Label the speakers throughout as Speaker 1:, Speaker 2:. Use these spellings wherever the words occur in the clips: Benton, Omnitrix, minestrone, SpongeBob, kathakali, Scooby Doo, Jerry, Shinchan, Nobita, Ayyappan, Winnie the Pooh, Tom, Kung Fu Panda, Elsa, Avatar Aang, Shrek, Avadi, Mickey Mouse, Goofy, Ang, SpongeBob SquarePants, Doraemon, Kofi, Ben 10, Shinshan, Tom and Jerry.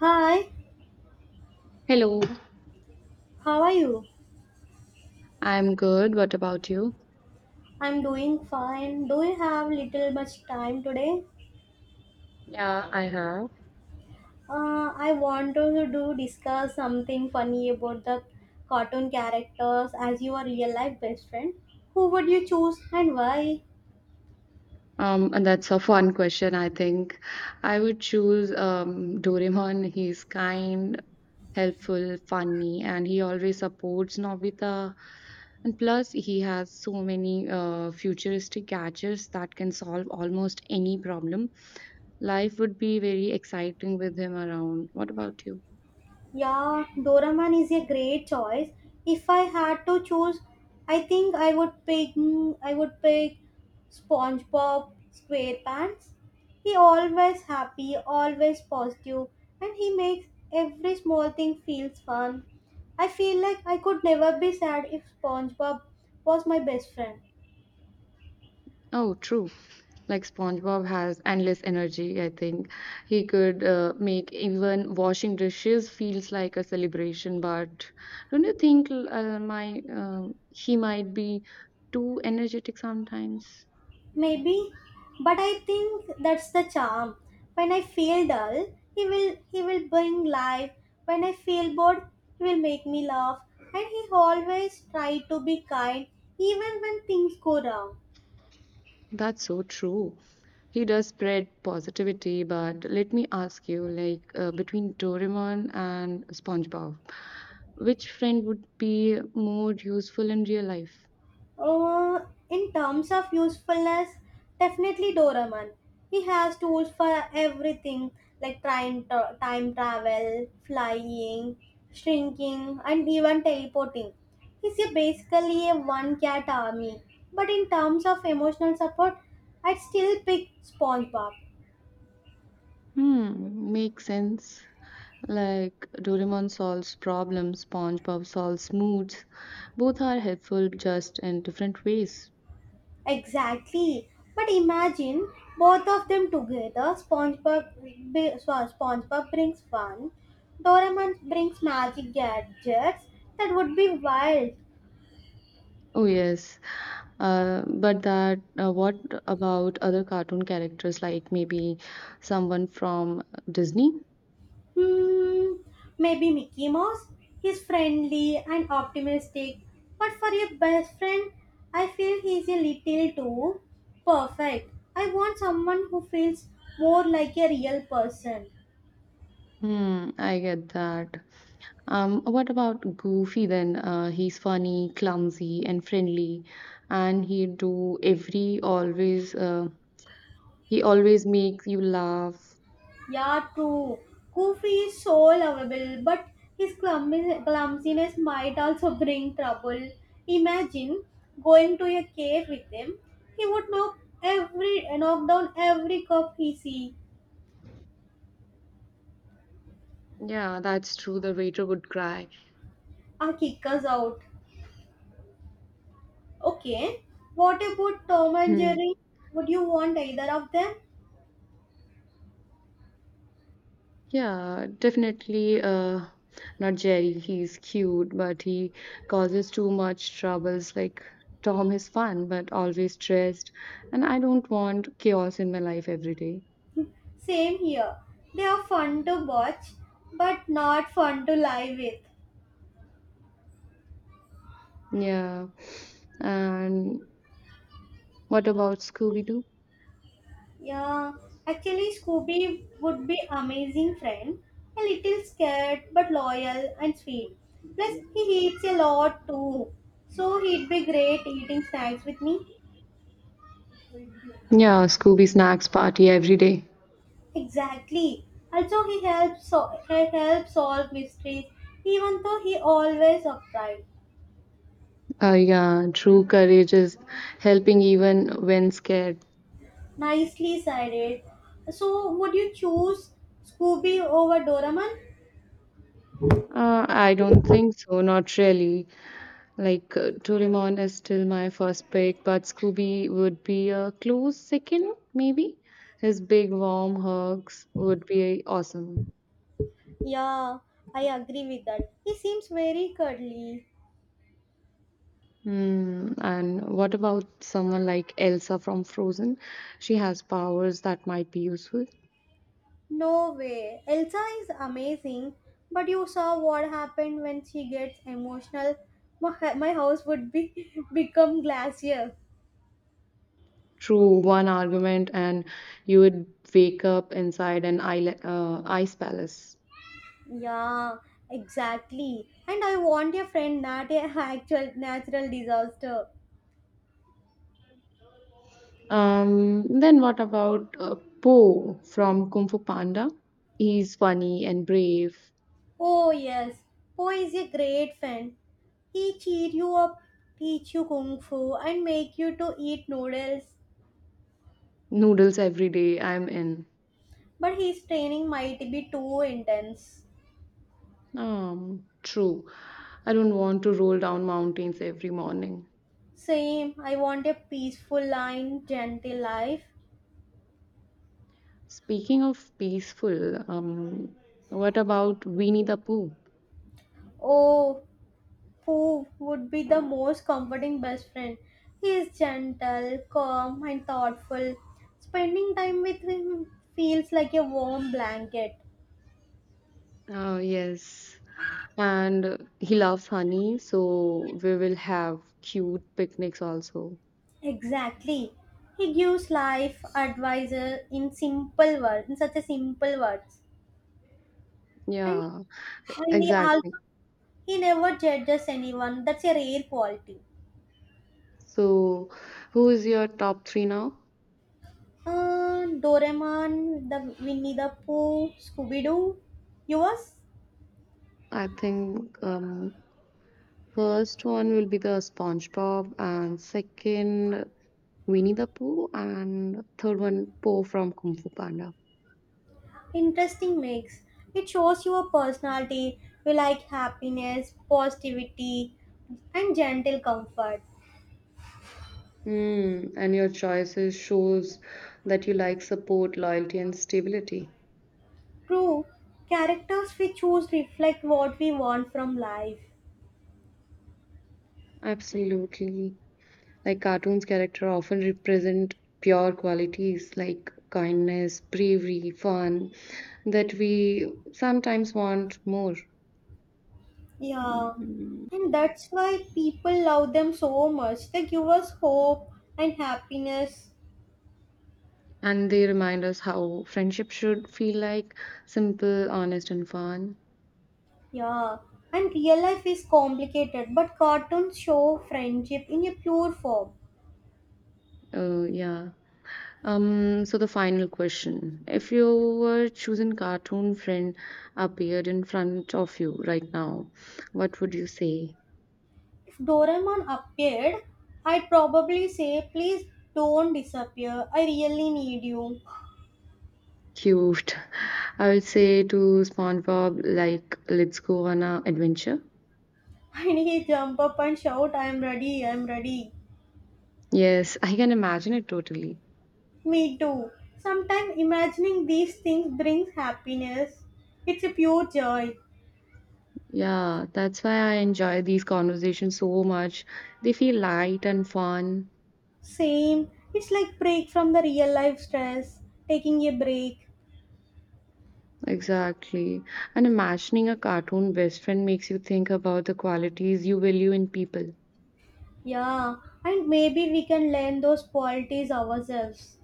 Speaker 1: Hi,
Speaker 2: Hello,
Speaker 1: how are you?
Speaker 2: I'm good. What about you?
Speaker 1: I'm doing fine. Do you have little much time today?
Speaker 2: Yeah, I have.
Speaker 1: I want to do discuss something funny about the cartoon characters as your real life best friend. Who would you choose and why?
Speaker 2: And that's a fun question, I think. I would choose Doraemon. He's kind, helpful, funny, and he always supports Nobita. And plus, he has so many futuristic gadgets that can solve almost any problem. Life would be very exciting with him around. What about you?
Speaker 1: Yeah, Doraemon is a great choice. If I had to choose, I think I would pick SpongeBob SquarePants. He always happy, always positive, and he makes every small thing feels fun. I feel like I could never be sad if SpongeBob was my best friend.
Speaker 2: Oh, true. Like SpongeBob has endless energy, I think. He could make even washing dishes feels like a celebration, but don't you think l- my he might be too energetic sometimes?
Speaker 1: Maybe, but I think that's the charm. When I feel dull, he will bring life. When I feel bored, he will make me laugh. And he always try to be kind, even when things go wrong.
Speaker 2: That's so true. He does spread positivity, but let me ask you, like between Doraemon and SpongeBob, which friend would be more useful in real life?
Speaker 1: Uh, in terms of usefulness, definitely Doraemon. He has tools for everything like time travel, flying, shrinking, and even teleporting. He's a basically a one cat army. But in terms of emotional support, I'd still pick SpongeBob.
Speaker 2: Hmm, makes sense. Like Doraemon solves problems, SpongeBob solves moods. Both are helpful just in different ways.
Speaker 1: Exactly. But imagine both of them together. SpongeBob, SpongeBob brings fun. Doraemon brings magic gadgets. That would be wild.
Speaker 2: Oh yes, but that what about other cartoon characters like maybe someone from Disney?
Speaker 1: Hmm. Maybe Mickey Mouse. He's friendly and optimistic. But for your best friend, I feel he's a little too perfect. I want someone who feels more like a real person.
Speaker 2: Hmm, I get that. What about Goofy then? He's funny, clumsy, and friendly, and he do every always. He always makes you laugh.
Speaker 1: Yeah, true. Kofi is so lovable, but his clumsiness might also bring trouble. Imagine going to a cave with him. He would knock down every cup he see
Speaker 2: Yeah, that's true. The waiter would cry.
Speaker 1: and kick us out. Okay. What about Tom and
Speaker 2: Hmm.
Speaker 1: Jerry? Would you want either of them?
Speaker 2: Yeah, definitely. Not Jerry. He's cute, but he causes too much troubles. Like Tom is fun, but always stressed, and I don't want chaos in my life every day.
Speaker 1: Same here. They are fun to watch, but not fun to lie with.
Speaker 2: Yeah. And what about Scooby Doo?
Speaker 1: Yeah, actually, Scooby would be amazing friend. A little scared but loyal and sweet. Plus, he eats a lot too, so he'd be great eating snacks with me.
Speaker 2: Yeah, Scooby snacks party every day.
Speaker 1: Exactly. Also, he helps solve mysteries, even though he always upright.
Speaker 2: Yeah, true courage is helping even when scared.
Speaker 1: Nicely sided. So, would you choose Scooby over Doraemon?
Speaker 2: I don't think so, not really. Like Doraemon is still my first pick, but Scooby would be a close second, maybe. His big warm hugs would be awesome.
Speaker 1: Yeah, I agree with that. He seems very cuddly.
Speaker 2: Hmm. And what about someone like Elsa from Frozen? She has powers that might be useful.
Speaker 1: No way. Elsa is amazing, but you saw what happened when she gets emotional. My house would be become glacier.
Speaker 2: True, one argument, and you would wake up inside an ice palace.
Speaker 1: Yeah, exactly. And I want a friend, not a actual natural disaster.
Speaker 2: Then what about Po from Kung Fu Panda? He's funny and brave.
Speaker 1: Oh yes, Po is a great friend. He cheer you up, teach you kung fu, and make you to eat noodles.
Speaker 2: Noodles every day, I'm in.
Speaker 1: But his training might be too intense.
Speaker 2: True. I don't want to roll down mountains every morning.
Speaker 1: Same, I want a peaceful and gentle life.
Speaker 2: Speaking of peaceful, what about Winnie the Pooh?
Speaker 1: Oh, Pooh would be the most comforting best friend. He is gentle, calm, and thoughtful. Spending time with him feels like a warm blanket.
Speaker 2: Yes. And he loves honey, so we will have cute picnics also.
Speaker 1: Exactly. He gives life advice in simple words, in such a simple words. And,
Speaker 2: Yeah,
Speaker 1: and
Speaker 2: exactly.
Speaker 1: he never judges anyone. That's a rare quality.
Speaker 2: So, who is your top three now?
Speaker 1: Doraemon, the Winnie the Pooh, Scooby Doo. Yours?
Speaker 2: I think first one will be the SpongeBob, and second Winnie the Pooh, and third one, Po from Kung Fu Panda.
Speaker 1: Interesting mix. It shows your personality. We like happiness, positivity, and gentle comfort.
Speaker 2: Hmm, and your choices shows that you like support, loyalty, and stability.
Speaker 1: True, characters we choose reflect what we want from life.
Speaker 2: Absolutely. Like cartoons character often represent pure qualities like kindness, bravery, fun that we sometimes want more.
Speaker 1: Yeah, and that's why people love them so much. They give us hope and happiness.
Speaker 2: And they remind us how friendship should feel like simple, honest and fun.
Speaker 1: Yeah, and real life is complicated, but cartoons show friendship in a pure form.
Speaker 2: Yeah. So the final question. If your chosen cartoon friend appeared in front of you right now, what would you say?
Speaker 1: If Doraemon appeared, I'd probably say, please don't disappear, I really need you.
Speaker 2: Cute. I would say to SpongeBob, like, let's go on a adventure.
Speaker 1: And he jump up and shout, I'm ready, I'm ready.
Speaker 2: Yes, I can imagine it totally.
Speaker 1: Me too. Sometimes imagining these things brings happiness. It's a pure joy.
Speaker 2: Yeah, that's why I enjoy these conversations so much. They feel light and fun.
Speaker 1: Same, it's like break from the real life stress, taking a break.
Speaker 2: Exactly. And imagining a cartoon best friend makes you think about the qualities you value in people.
Speaker 1: Yeah, and maybe we can learn those qualities ourselves.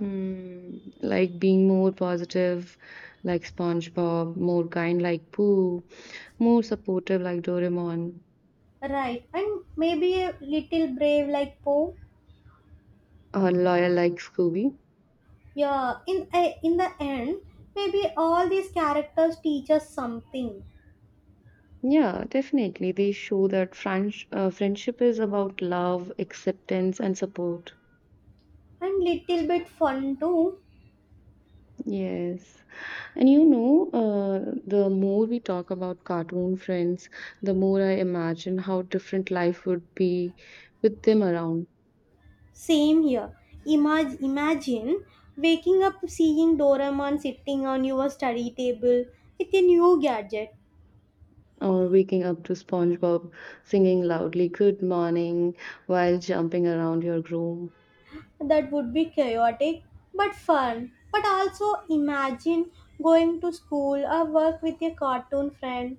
Speaker 2: Hmm, like being more positive, like SpongeBob, more kind, like Pooh, more supportive, like Doraemon,
Speaker 1: Right, and maybe a little brave like Poe.
Speaker 2: or loyal, like Scooby.
Speaker 1: Yeah, in the end, maybe all these characters teach us something,
Speaker 2: Yeah, definitely. They show that friendship is about love, acceptance, and support.
Speaker 1: and little bit fun too.
Speaker 2: Yes. And the more we talk about cartoon friends, the more I imagine how different life would be with them around.
Speaker 1: Same here. Imagine waking up seeing Doraemon sitting on your study table with a new gadget.
Speaker 2: Or waking up to SpongeBob singing loudly, "Good morning," while jumping around your room.
Speaker 1: That would be chaotic but fun. But also imagine going to school or work with a cartoon friend.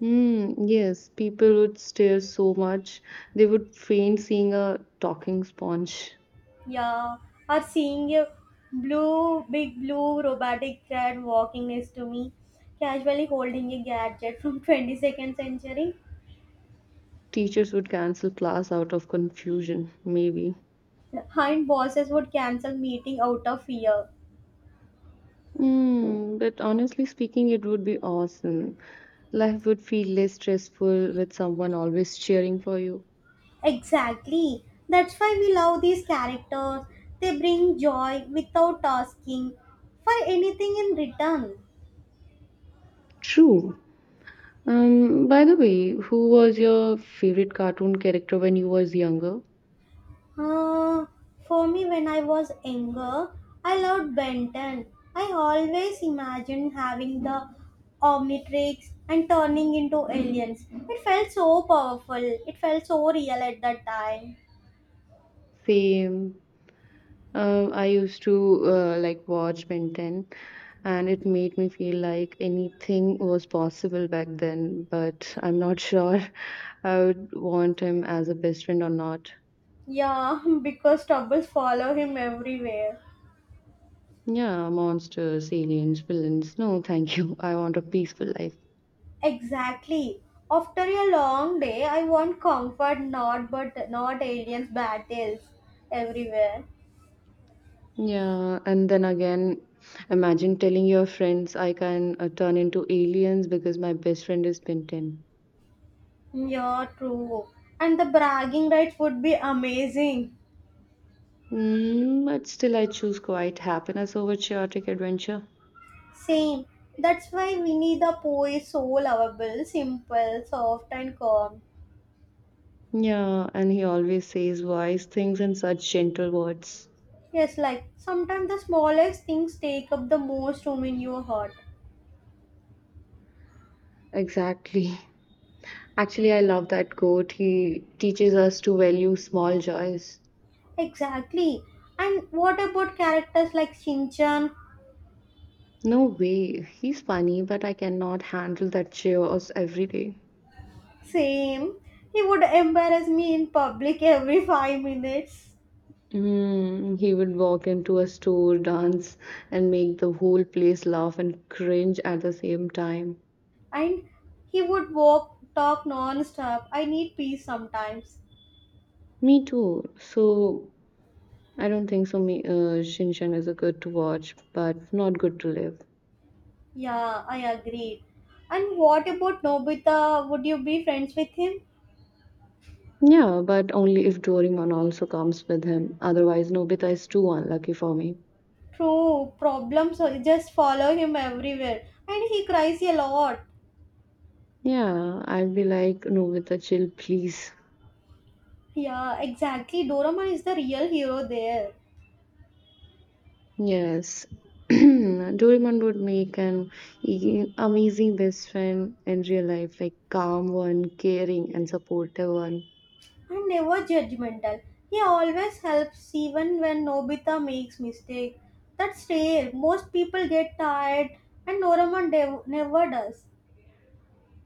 Speaker 2: Hmm, yes, people would stare so much, they would faint seeing a talking sponge.
Speaker 1: Yeah, or seeing a big blue robotic cat walking next to me, casually holding a gadget from 22nd century.
Speaker 2: Teachers would cancel class out of confusion, maybe.
Speaker 1: Hind bosses would cancel meeting out of fear.
Speaker 2: Mm, but honestly speaking, it would be awesome. Life would feel less stressful with someone always cheering for you.
Speaker 1: Exactly. That's why we love these characters. They bring joy without asking for anything in return.
Speaker 2: True. By the way, who was your favorite cartoon character when you was younger?
Speaker 1: Uh, for me, when I was younger, I loved Benton. I always imagined having the Omnitrix and turning into aliens. It felt so powerful. It felt so real at that time.
Speaker 2: Same. I used to like watch Ben 10 and it made me feel like anything was possible back then, but I'm not sure I would want him as a best friend or not.
Speaker 1: Yeah, because troubles follow him everywhere.
Speaker 2: Yeah, monsters, aliens, villains. No, thank you. I want a peaceful life.
Speaker 1: Exactly. After a long day, I want comfort, not but not aliens battles everywhere.
Speaker 2: Yeah, and then again, imagine telling your friends I can turn into aliens because my best friend is Ben 10.
Speaker 1: Yeah, true. And the bragging rights would be amazing.
Speaker 2: Mm, but still, I choose quiet happiness over chaotic adventure.
Speaker 1: Same. That's why Winnie the Pooh is so lovable, simple, soft, and calm.
Speaker 2: Yeah, and he always says wise things in such gentle words.
Speaker 1: Yes, like sometimes the smallest things take up the most room in your heart.
Speaker 2: Exactly. Actually, I love that quote. He teaches us to value small joys.
Speaker 1: Exactly. And what about characters like Shinchan?
Speaker 2: No way, he's funny, but I cannot handle that chaos every day.
Speaker 1: Same. He would embarrass me in public every 5 minutes.
Speaker 2: Mm, he would walk into a store, dance, and make the whole place laugh and cringe at the same time.
Speaker 1: And he would walk, talk non stop. I need peace sometimes.
Speaker 2: Me too. So I don't think so. Shinshan is a good to watch, but not good to live.
Speaker 1: Yeah, I agreed. And what about Nobita? Would you be friends with him?
Speaker 2: Yeah, but only if Doraemon also comes with him. Otherwise, Nobita is too unlucky for me.
Speaker 1: True, problem so just follow him everywhere. And he cries a lot.
Speaker 2: Yeah, I'd be like, Nobita, chill, please.
Speaker 1: Yeah, exactly. Doraemon is the real hero there.
Speaker 2: Yes. Doraemon would make an amazing best friend in real life, like calm one, caring and supportive one.
Speaker 1: And never judgmental. He always helps even when Nobita makes mistake. That's rare. Most people get tired and never does.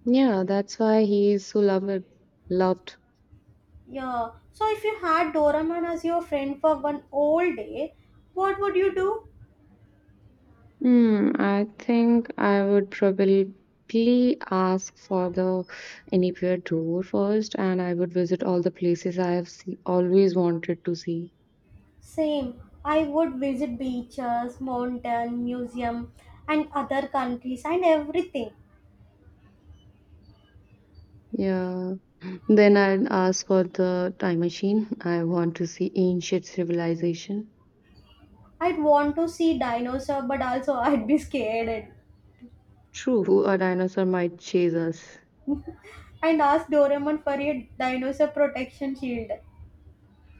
Speaker 2: Yeah, that's why he is so loved, loved.
Speaker 1: Yeah. So if you had Doraemon as your friend for one whole day, what would you do?
Speaker 2: Hmm, I think I would probably ask for the anywhere tour first, and I would visit all the places I have see, always wanted to see.
Speaker 1: Same. I would visit beaches, mountain, museum, and other countries and everything.
Speaker 2: Yeah. Then I'd ask for the time machine. I want to see ancient civilization.
Speaker 1: I'd want to see dinosaur, but also I'd be scared
Speaker 2: True, a dinosaur might chase us.
Speaker 1: and ask Doraemon for a dinosaur protection shield.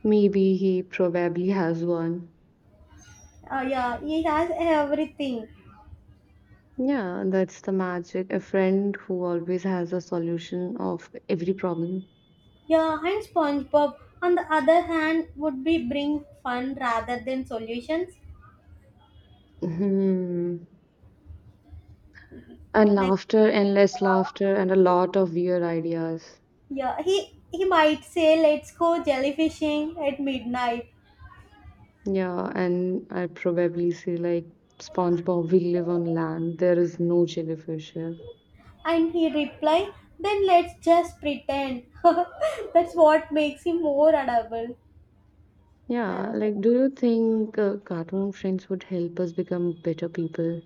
Speaker 2: Maybe he probably has one.
Speaker 1: Yeah, he has everything.
Speaker 2: Yeah, that's the magic. A friend who always has a solution of every problem.
Speaker 1: Yeah, and SpongeBob, on the other hand, would be bring fun rather than solutions.
Speaker 2: Hmm. And
Speaker 1: Like,
Speaker 2: laughter, endless laughter, and a lot of weird ideas.
Speaker 1: yeah, he might say, "Let's go jellyfishing at midnight."
Speaker 2: Yeah, and I probably say like SpongeBob, we live on land. There is no jellyfish here.
Speaker 1: And he replied, then let's just pretend. That's what makes him more
Speaker 2: Yeah, like
Speaker 1: adorable.
Speaker 2: do you think cartoon friends would help us become better people?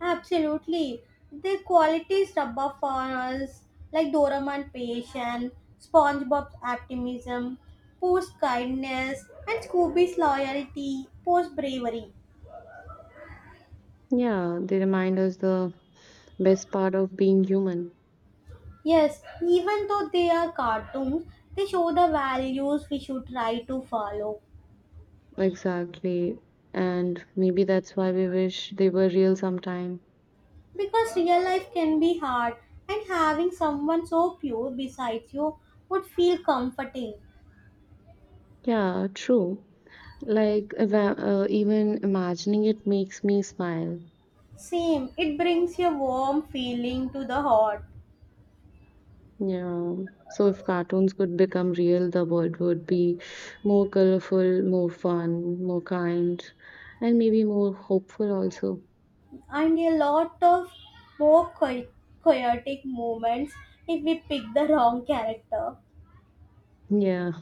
Speaker 1: Absolutely. The qualities rubber for us, like Doraemon patience, SpongeBob's optimism, Pooh's kindness, and Scooby's loyalty, Pooh's bravery.
Speaker 2: Yeah, they remind us the best part of being human.
Speaker 1: Yes, even though they are cartoons, they show the values we should try to follow.
Speaker 2: Exactly. And maybe that's why we wish they were real sometime.
Speaker 1: Because real life can be hard, and having someone so pure beside you would feel comforting.
Speaker 2: Yeah, true. Like even imagining it makes me smile.
Speaker 1: Same, it brings a warm feeling to the heart,
Speaker 2: Yeah. So if cartoons could become real, the world would be more colorful, more fun, more kind, and maybe more hopeful also.
Speaker 1: and a lot of more chaotic moments if we pick the wrong character.
Speaker 2: Yeah.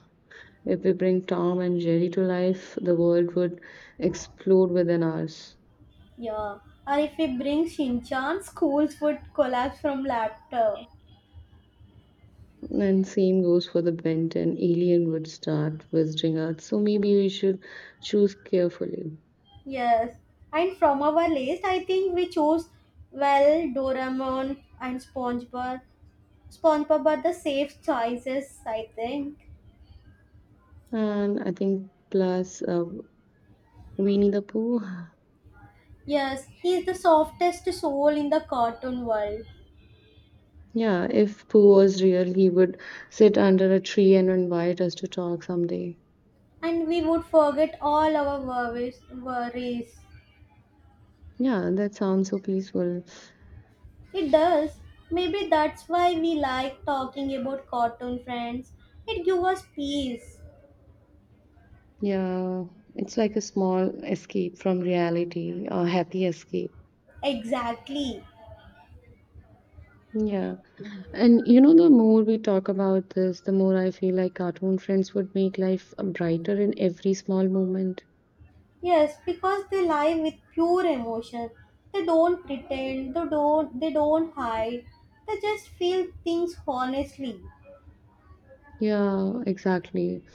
Speaker 2: If we bring Tom and Jerry to life, the world would explode within us.
Speaker 1: Yeah, or if we bring Shinchan, schools would collapse from laughter.
Speaker 2: And same goes for the bent and alien would start visiting us. So maybe we should choose carefully.
Speaker 1: Yes, and from our list, I think we chose well Doraemon and SpongeBob are the safe choices, I think.
Speaker 2: And I think plus Winnie the Pooh.
Speaker 1: Yes, he's the softest soul in the cartoon world,
Speaker 2: Yeah, if Pooh was real, he would sit under a tree and invite us to talk someday.
Speaker 1: and we would forget all our worries.
Speaker 2: Yeah, that sounds so peaceful.
Speaker 1: It does. Maybe that's why we like talking about cartoon friends. It gives us peace.
Speaker 2: Yeah, it's like a small escape from reality, a happy escape.
Speaker 1: Exactly.
Speaker 2: Yeah. And the more we talk about this, the more I feel like cartoon friends would make life brighter in every small moment.
Speaker 1: Yes, because they live with pure emotion. They don't pretend. They don't hide. They just feel things honestly.
Speaker 2: Yeah, exactly.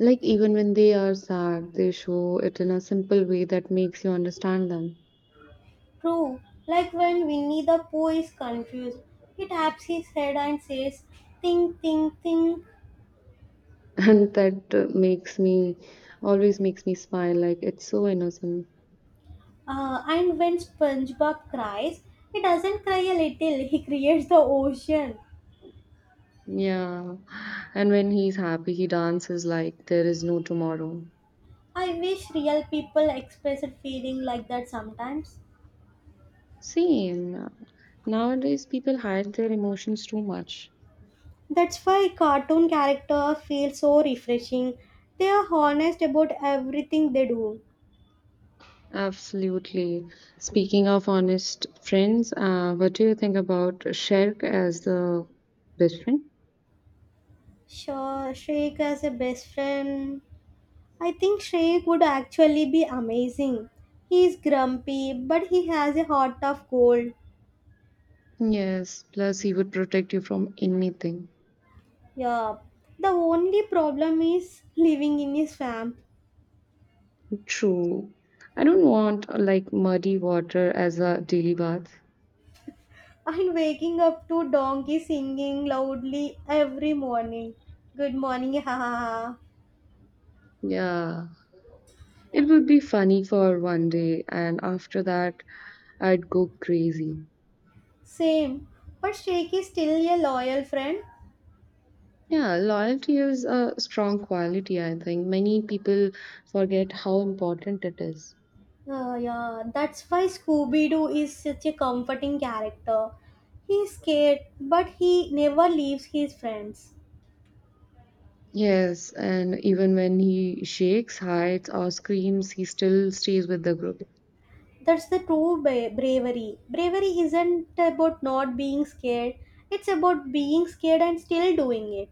Speaker 2: Like, even when they are sad, they show it in a simple way that makes you understand them.
Speaker 1: True, like when Winnie the Pooh is confused, he taps his head and says, think, think, think.
Speaker 2: And that makes me always makes me smile, like, it's so innocent.
Speaker 1: And when SpongeBob cries, he doesn't cry a little, he creates the ocean.
Speaker 2: Yeah. And when he's happy he dances like there is no tomorrow.
Speaker 1: I wish real people expressed feeling like that sometimes.
Speaker 2: Same, nowadays people hide their emotions too much.
Speaker 1: That's why cartoon characters feel so refreshing. They are honest about everything they do.
Speaker 2: Absolutely. Speaking of honest friends, what do you think about sherk as the best friend?
Speaker 1: Sure, Shrek as a best friend. I think Shrek would actually be amazing. He's grumpy, but he has a heart of gold.
Speaker 2: Yes, plus he would protect you from anything.
Speaker 1: Yeah. The only problem is living in a swamp
Speaker 2: True, I don't want like muddy water as a daily bath.
Speaker 1: and waking up to donkey singing loudly every morning. Good morning, ha ha ha.
Speaker 2: Yeah, it would be funny for one day, and after that, I'd go crazy.
Speaker 1: Same. But Shrek is still a loyal friend.
Speaker 2: Yeah, loyalty is a strong quality, I think. Many people forget how important it is.
Speaker 1: Yeah, that's why Scooby Doo is such a comforting character. He's scared, but he never leaves his friends.
Speaker 2: Yes, and even when he shakes, hides, or screams, he still stays with the group.
Speaker 1: That's the true bravery. Bravery isn't about not being scared, it's about being scared and still doing it.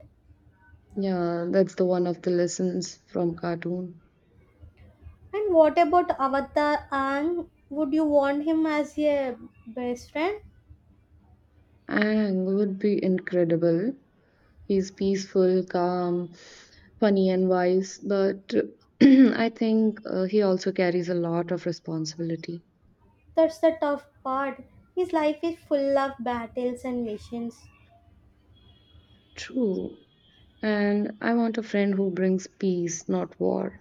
Speaker 2: Yeah, that's the one of the lessons from cartoon.
Speaker 1: And what about Avatar Aang? Would you want him as your best friend?
Speaker 2: Ang would be incredible. He's peaceful, calm, funny and wise, but I think he also carries a lot of responsibility.
Speaker 1: That's the tough part. His life is full of battles and missions.
Speaker 2: True. And I want a friend who brings peace, not war.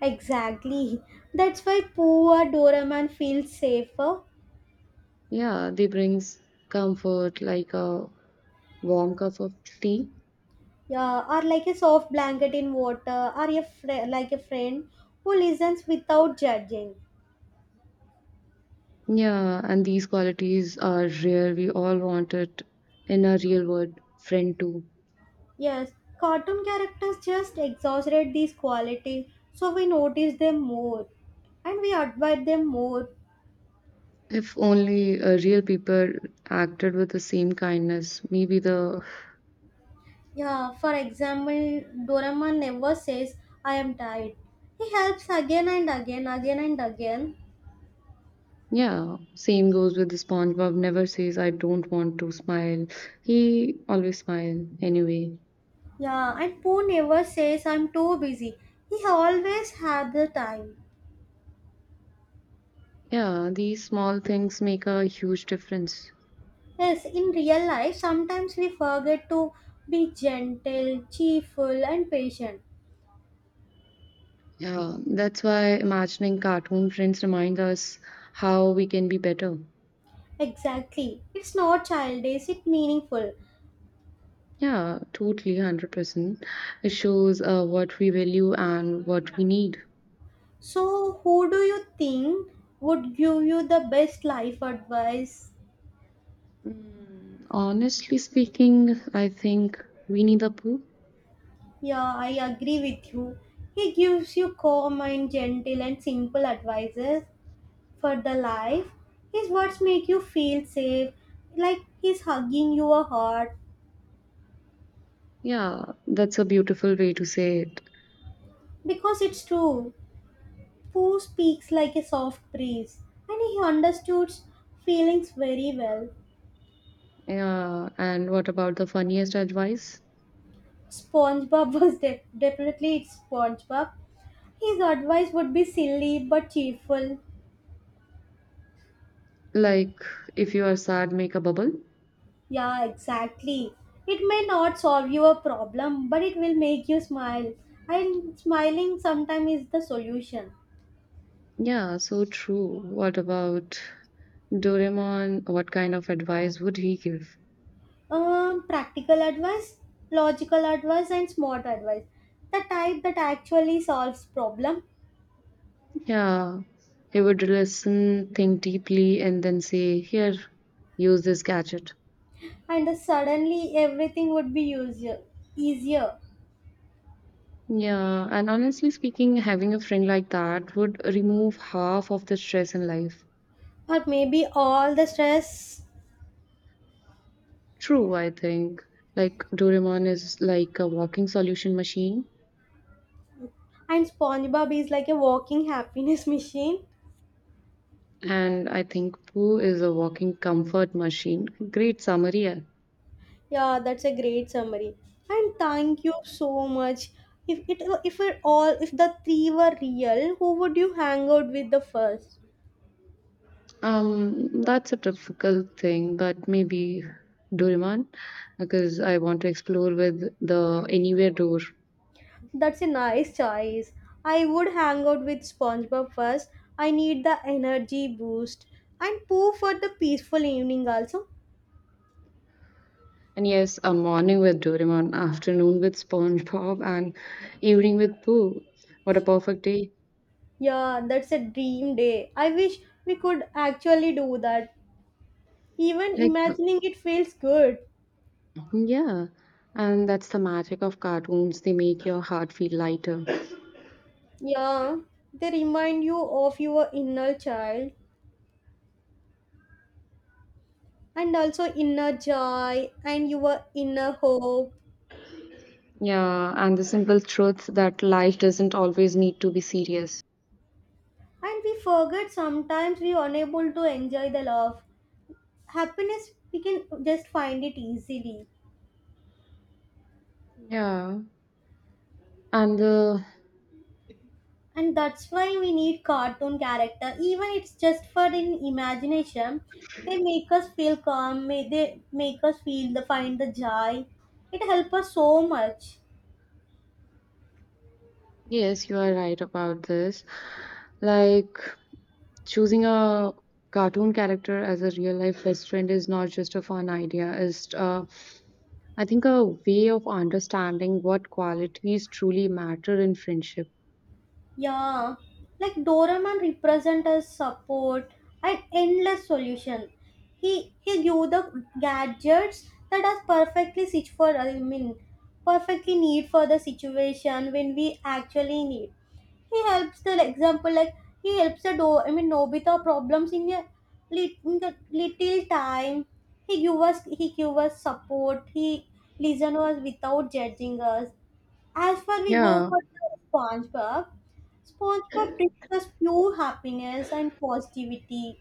Speaker 1: Exactly. That's why poor Doraemon feels safer.
Speaker 2: Yeah, they brings comfort like a warm cup of tea.
Speaker 1: Yeah, or like a soft blanket in water, or a fri like a friend who listens without judging.
Speaker 2: Yeah, and these qualities are rare. We all want it in a real world friend too.
Speaker 1: Yes, cartoon characters just exaggerate these qualities, so we notice them more and we admire them more.
Speaker 2: If only real people acted with the same kindness, maybe the
Speaker 1: Yeah, for example, Doraemon never says, I am tired. He helps again and again.
Speaker 2: Yeah, same goes with the SpongeBob never says I don't want to smile. He always smile anyway.
Speaker 1: Yeah, and Pooh never says, I'm too busy. He always had the time.
Speaker 2: Yeah, these small things make a huge difference.
Speaker 1: Yes, in real life, sometimes we forget to be gentle, cheerful, and patient.
Speaker 2: Yeah, that's why imagining cartoon friends remind us how we can be better.
Speaker 1: Exactly. It's not childish, it's meaningful.
Speaker 2: Yeah, totally 100%. It shows what we value and what we need.
Speaker 1: So, who do you think would give you the best life advice?
Speaker 2: Honestly speaking, I think we need a poo.
Speaker 1: Yeah, I agree with you. He gives you calm and gentle and simple advices for the life. His words make you feel safe, like he's hugging your heart.
Speaker 2: Yeah, that's a beautiful way to say it.
Speaker 1: Because it's true, Pooh speaks like a soft breeze, and he understands feelings very well.
Speaker 2: Yeah, and what about the funniest advice?
Speaker 1: SpongeBob definitely SpongeBob. His advice would be silly but cheerful.
Speaker 2: Like, if you are sad, make a bubble?
Speaker 1: Yeah, exactly. It may not solve your problem, but it will make you smile. And smiling sometimes is the solution.
Speaker 2: Yeah, so true. What about Doraemon? What kind of advice would he give?
Speaker 1: Practical advice, logical advice, and smart advice. The type that actually solves problem,
Speaker 2: Yeah, he would listen, think deeply, and then say, Here, use this gadget.
Speaker 1: and suddenly everything would be easier. Easier,
Speaker 2: Yeah, and honestly speaking, having a friend like that would remove half of the stress in life.
Speaker 1: or maybe all the stress.
Speaker 2: True, I think. Like, Doraemon is like a walking solution machine.
Speaker 1: And SpongeBob is like a walking happiness machine.
Speaker 2: And I think Pooh is a walking comfort machine. Great summary, yeah.
Speaker 1: Yeah, that's a great summary. And thank you so much. If it all if the three were real, who would you hang out with the first?
Speaker 2: That's a difficult thing, but maybe Doraemon, because I want to explore with the Anywhere Door.
Speaker 1: That's a nice choice. I would hang out with SpongeBob first. I need the energy boost. And Pooh for the peaceful evening also.
Speaker 2: And yes, a morning with Doraemon, afternoon with SpongeBob, and evening with Pooh. What a perfect day!
Speaker 1: Yeah, that's a dream day. I wish we could actually do that. Even
Speaker 2: Like,
Speaker 1: imagining it feels good.
Speaker 2: yeah, and that's the magic of cartoons. They make your heart feel lighter.
Speaker 1: Yeah, they remind you of your inner child and also inner joy and your inner hope.
Speaker 2: Yeah, and the simple truth that life doesn't always need to be serious.
Speaker 1: And we forget sometimes we unable to enjoy the love. Happiness we can just find it easily.
Speaker 2: Yeah, and the
Speaker 1: And that's why we need cartoon character. Even it's just for in imagination, they make us feel They make us feel the find the joy. It helps us so much.
Speaker 2: yes, you are right about this. Like choosing a cartoon character as a real life best friend is not just a fun idea. It's I think a way of understanding what qualities truly matter in friendship.
Speaker 1: Yeah, like Doraemon represent as support and endless solution. He give the gadgets that are perfectly sit for I mean perfectly need for the situation when we actually need. He helps the like, example like he helps the do I mean Nobita problems in a in the little time. He give us support. He listen us without judging us. As far we go
Speaker 2: Yeah,
Speaker 1: for the SpongeBob, SpongeBob brings us pure happiness and positivity.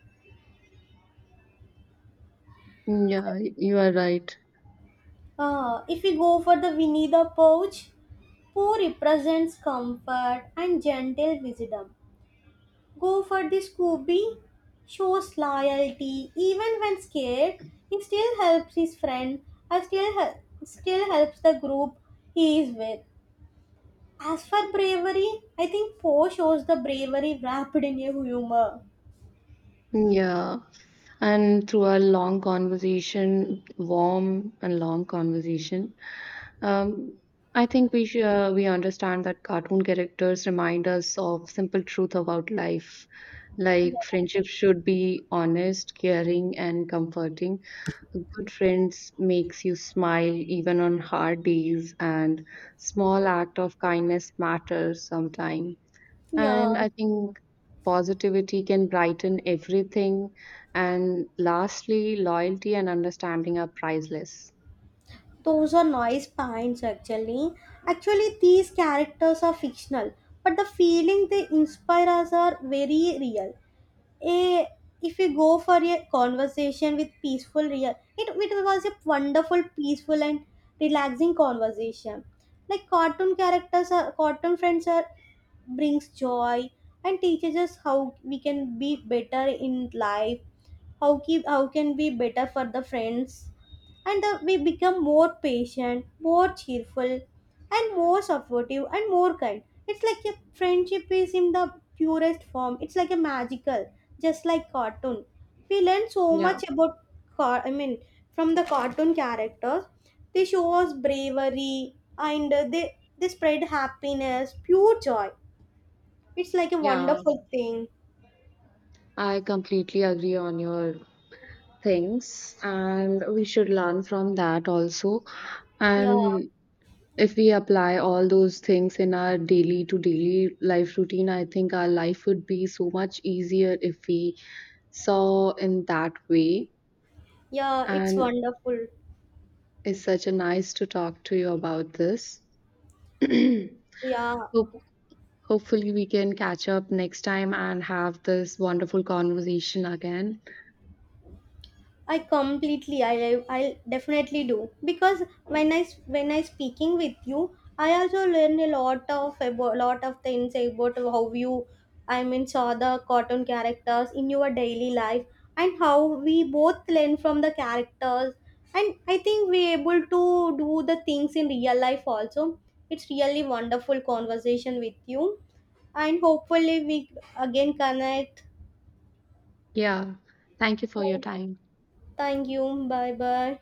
Speaker 2: yeah, you are right.
Speaker 1: If we go for the Winnie the Pouch, Pooh represents comfort and gentle wisdom. Go for the Scooby, shows loyalty even when scared. He still helps his friend and still helps the group he is with. As for bravery, I think Poe shows the bravery wrapped in a humor.
Speaker 2: Yeah. And through our long conversation, warm and long conversation, Um, I think we should, we understand that cartoon characters remind us of simple truth about life, like friendship should be honest, caring, and comforting. Good friends makes you smile even on hard days, and small act of kindness matters sometimes.
Speaker 1: Yeah.
Speaker 2: And I think positivity can brighten everything. And lastly, loyalty and understanding are priceless.
Speaker 1: Those are noise points actually. Actually, these characters are fictional, but the feeling they inspire us are very real. A, if we go for a conversation with peaceful real, it was a wonderful, peaceful and relaxing conversation. Like cartoon characters are cartoon friends are brings joy and teaches us how we can be better in life how keep how can be better for the friends and we become more patient more cheerful and more supportive and more kind. It's like a friendship is in the purest form. It's like a magical just like cartoon we learn so
Speaker 2: Yeah,
Speaker 1: much about car I mean from the cartoon characters. They show us bravery and they spread happiness pure joy. It's like a
Speaker 2: yeah.
Speaker 1: wonderful thing.
Speaker 2: I completely agree on your things, and we should learn from that also.
Speaker 1: Yeah,
Speaker 2: And if we apply all those things in our daily to daily life routine, I think our life would be so much easier if we saw in that way.
Speaker 1: yeah, it's
Speaker 2: And
Speaker 1: wonderful.
Speaker 2: it's such a nice to talk to you about this. Hope,
Speaker 1: Yeah,
Speaker 2: hopefully, we can catch up next time and have this wonderful conversation again.
Speaker 1: I completely I I'll definitely do because when I speaking with you, I also learn a lot of about lot of things about how you I mean saw the cartoon characters in your daily life and how we both learn from the characters and I think we able to do the things in real life also. It's really wonderful conversation with you and hopefully we again connect.
Speaker 2: Yeah, thank you for your
Speaker 1: So,
Speaker 2: time.
Speaker 1: thank you. Bye bye.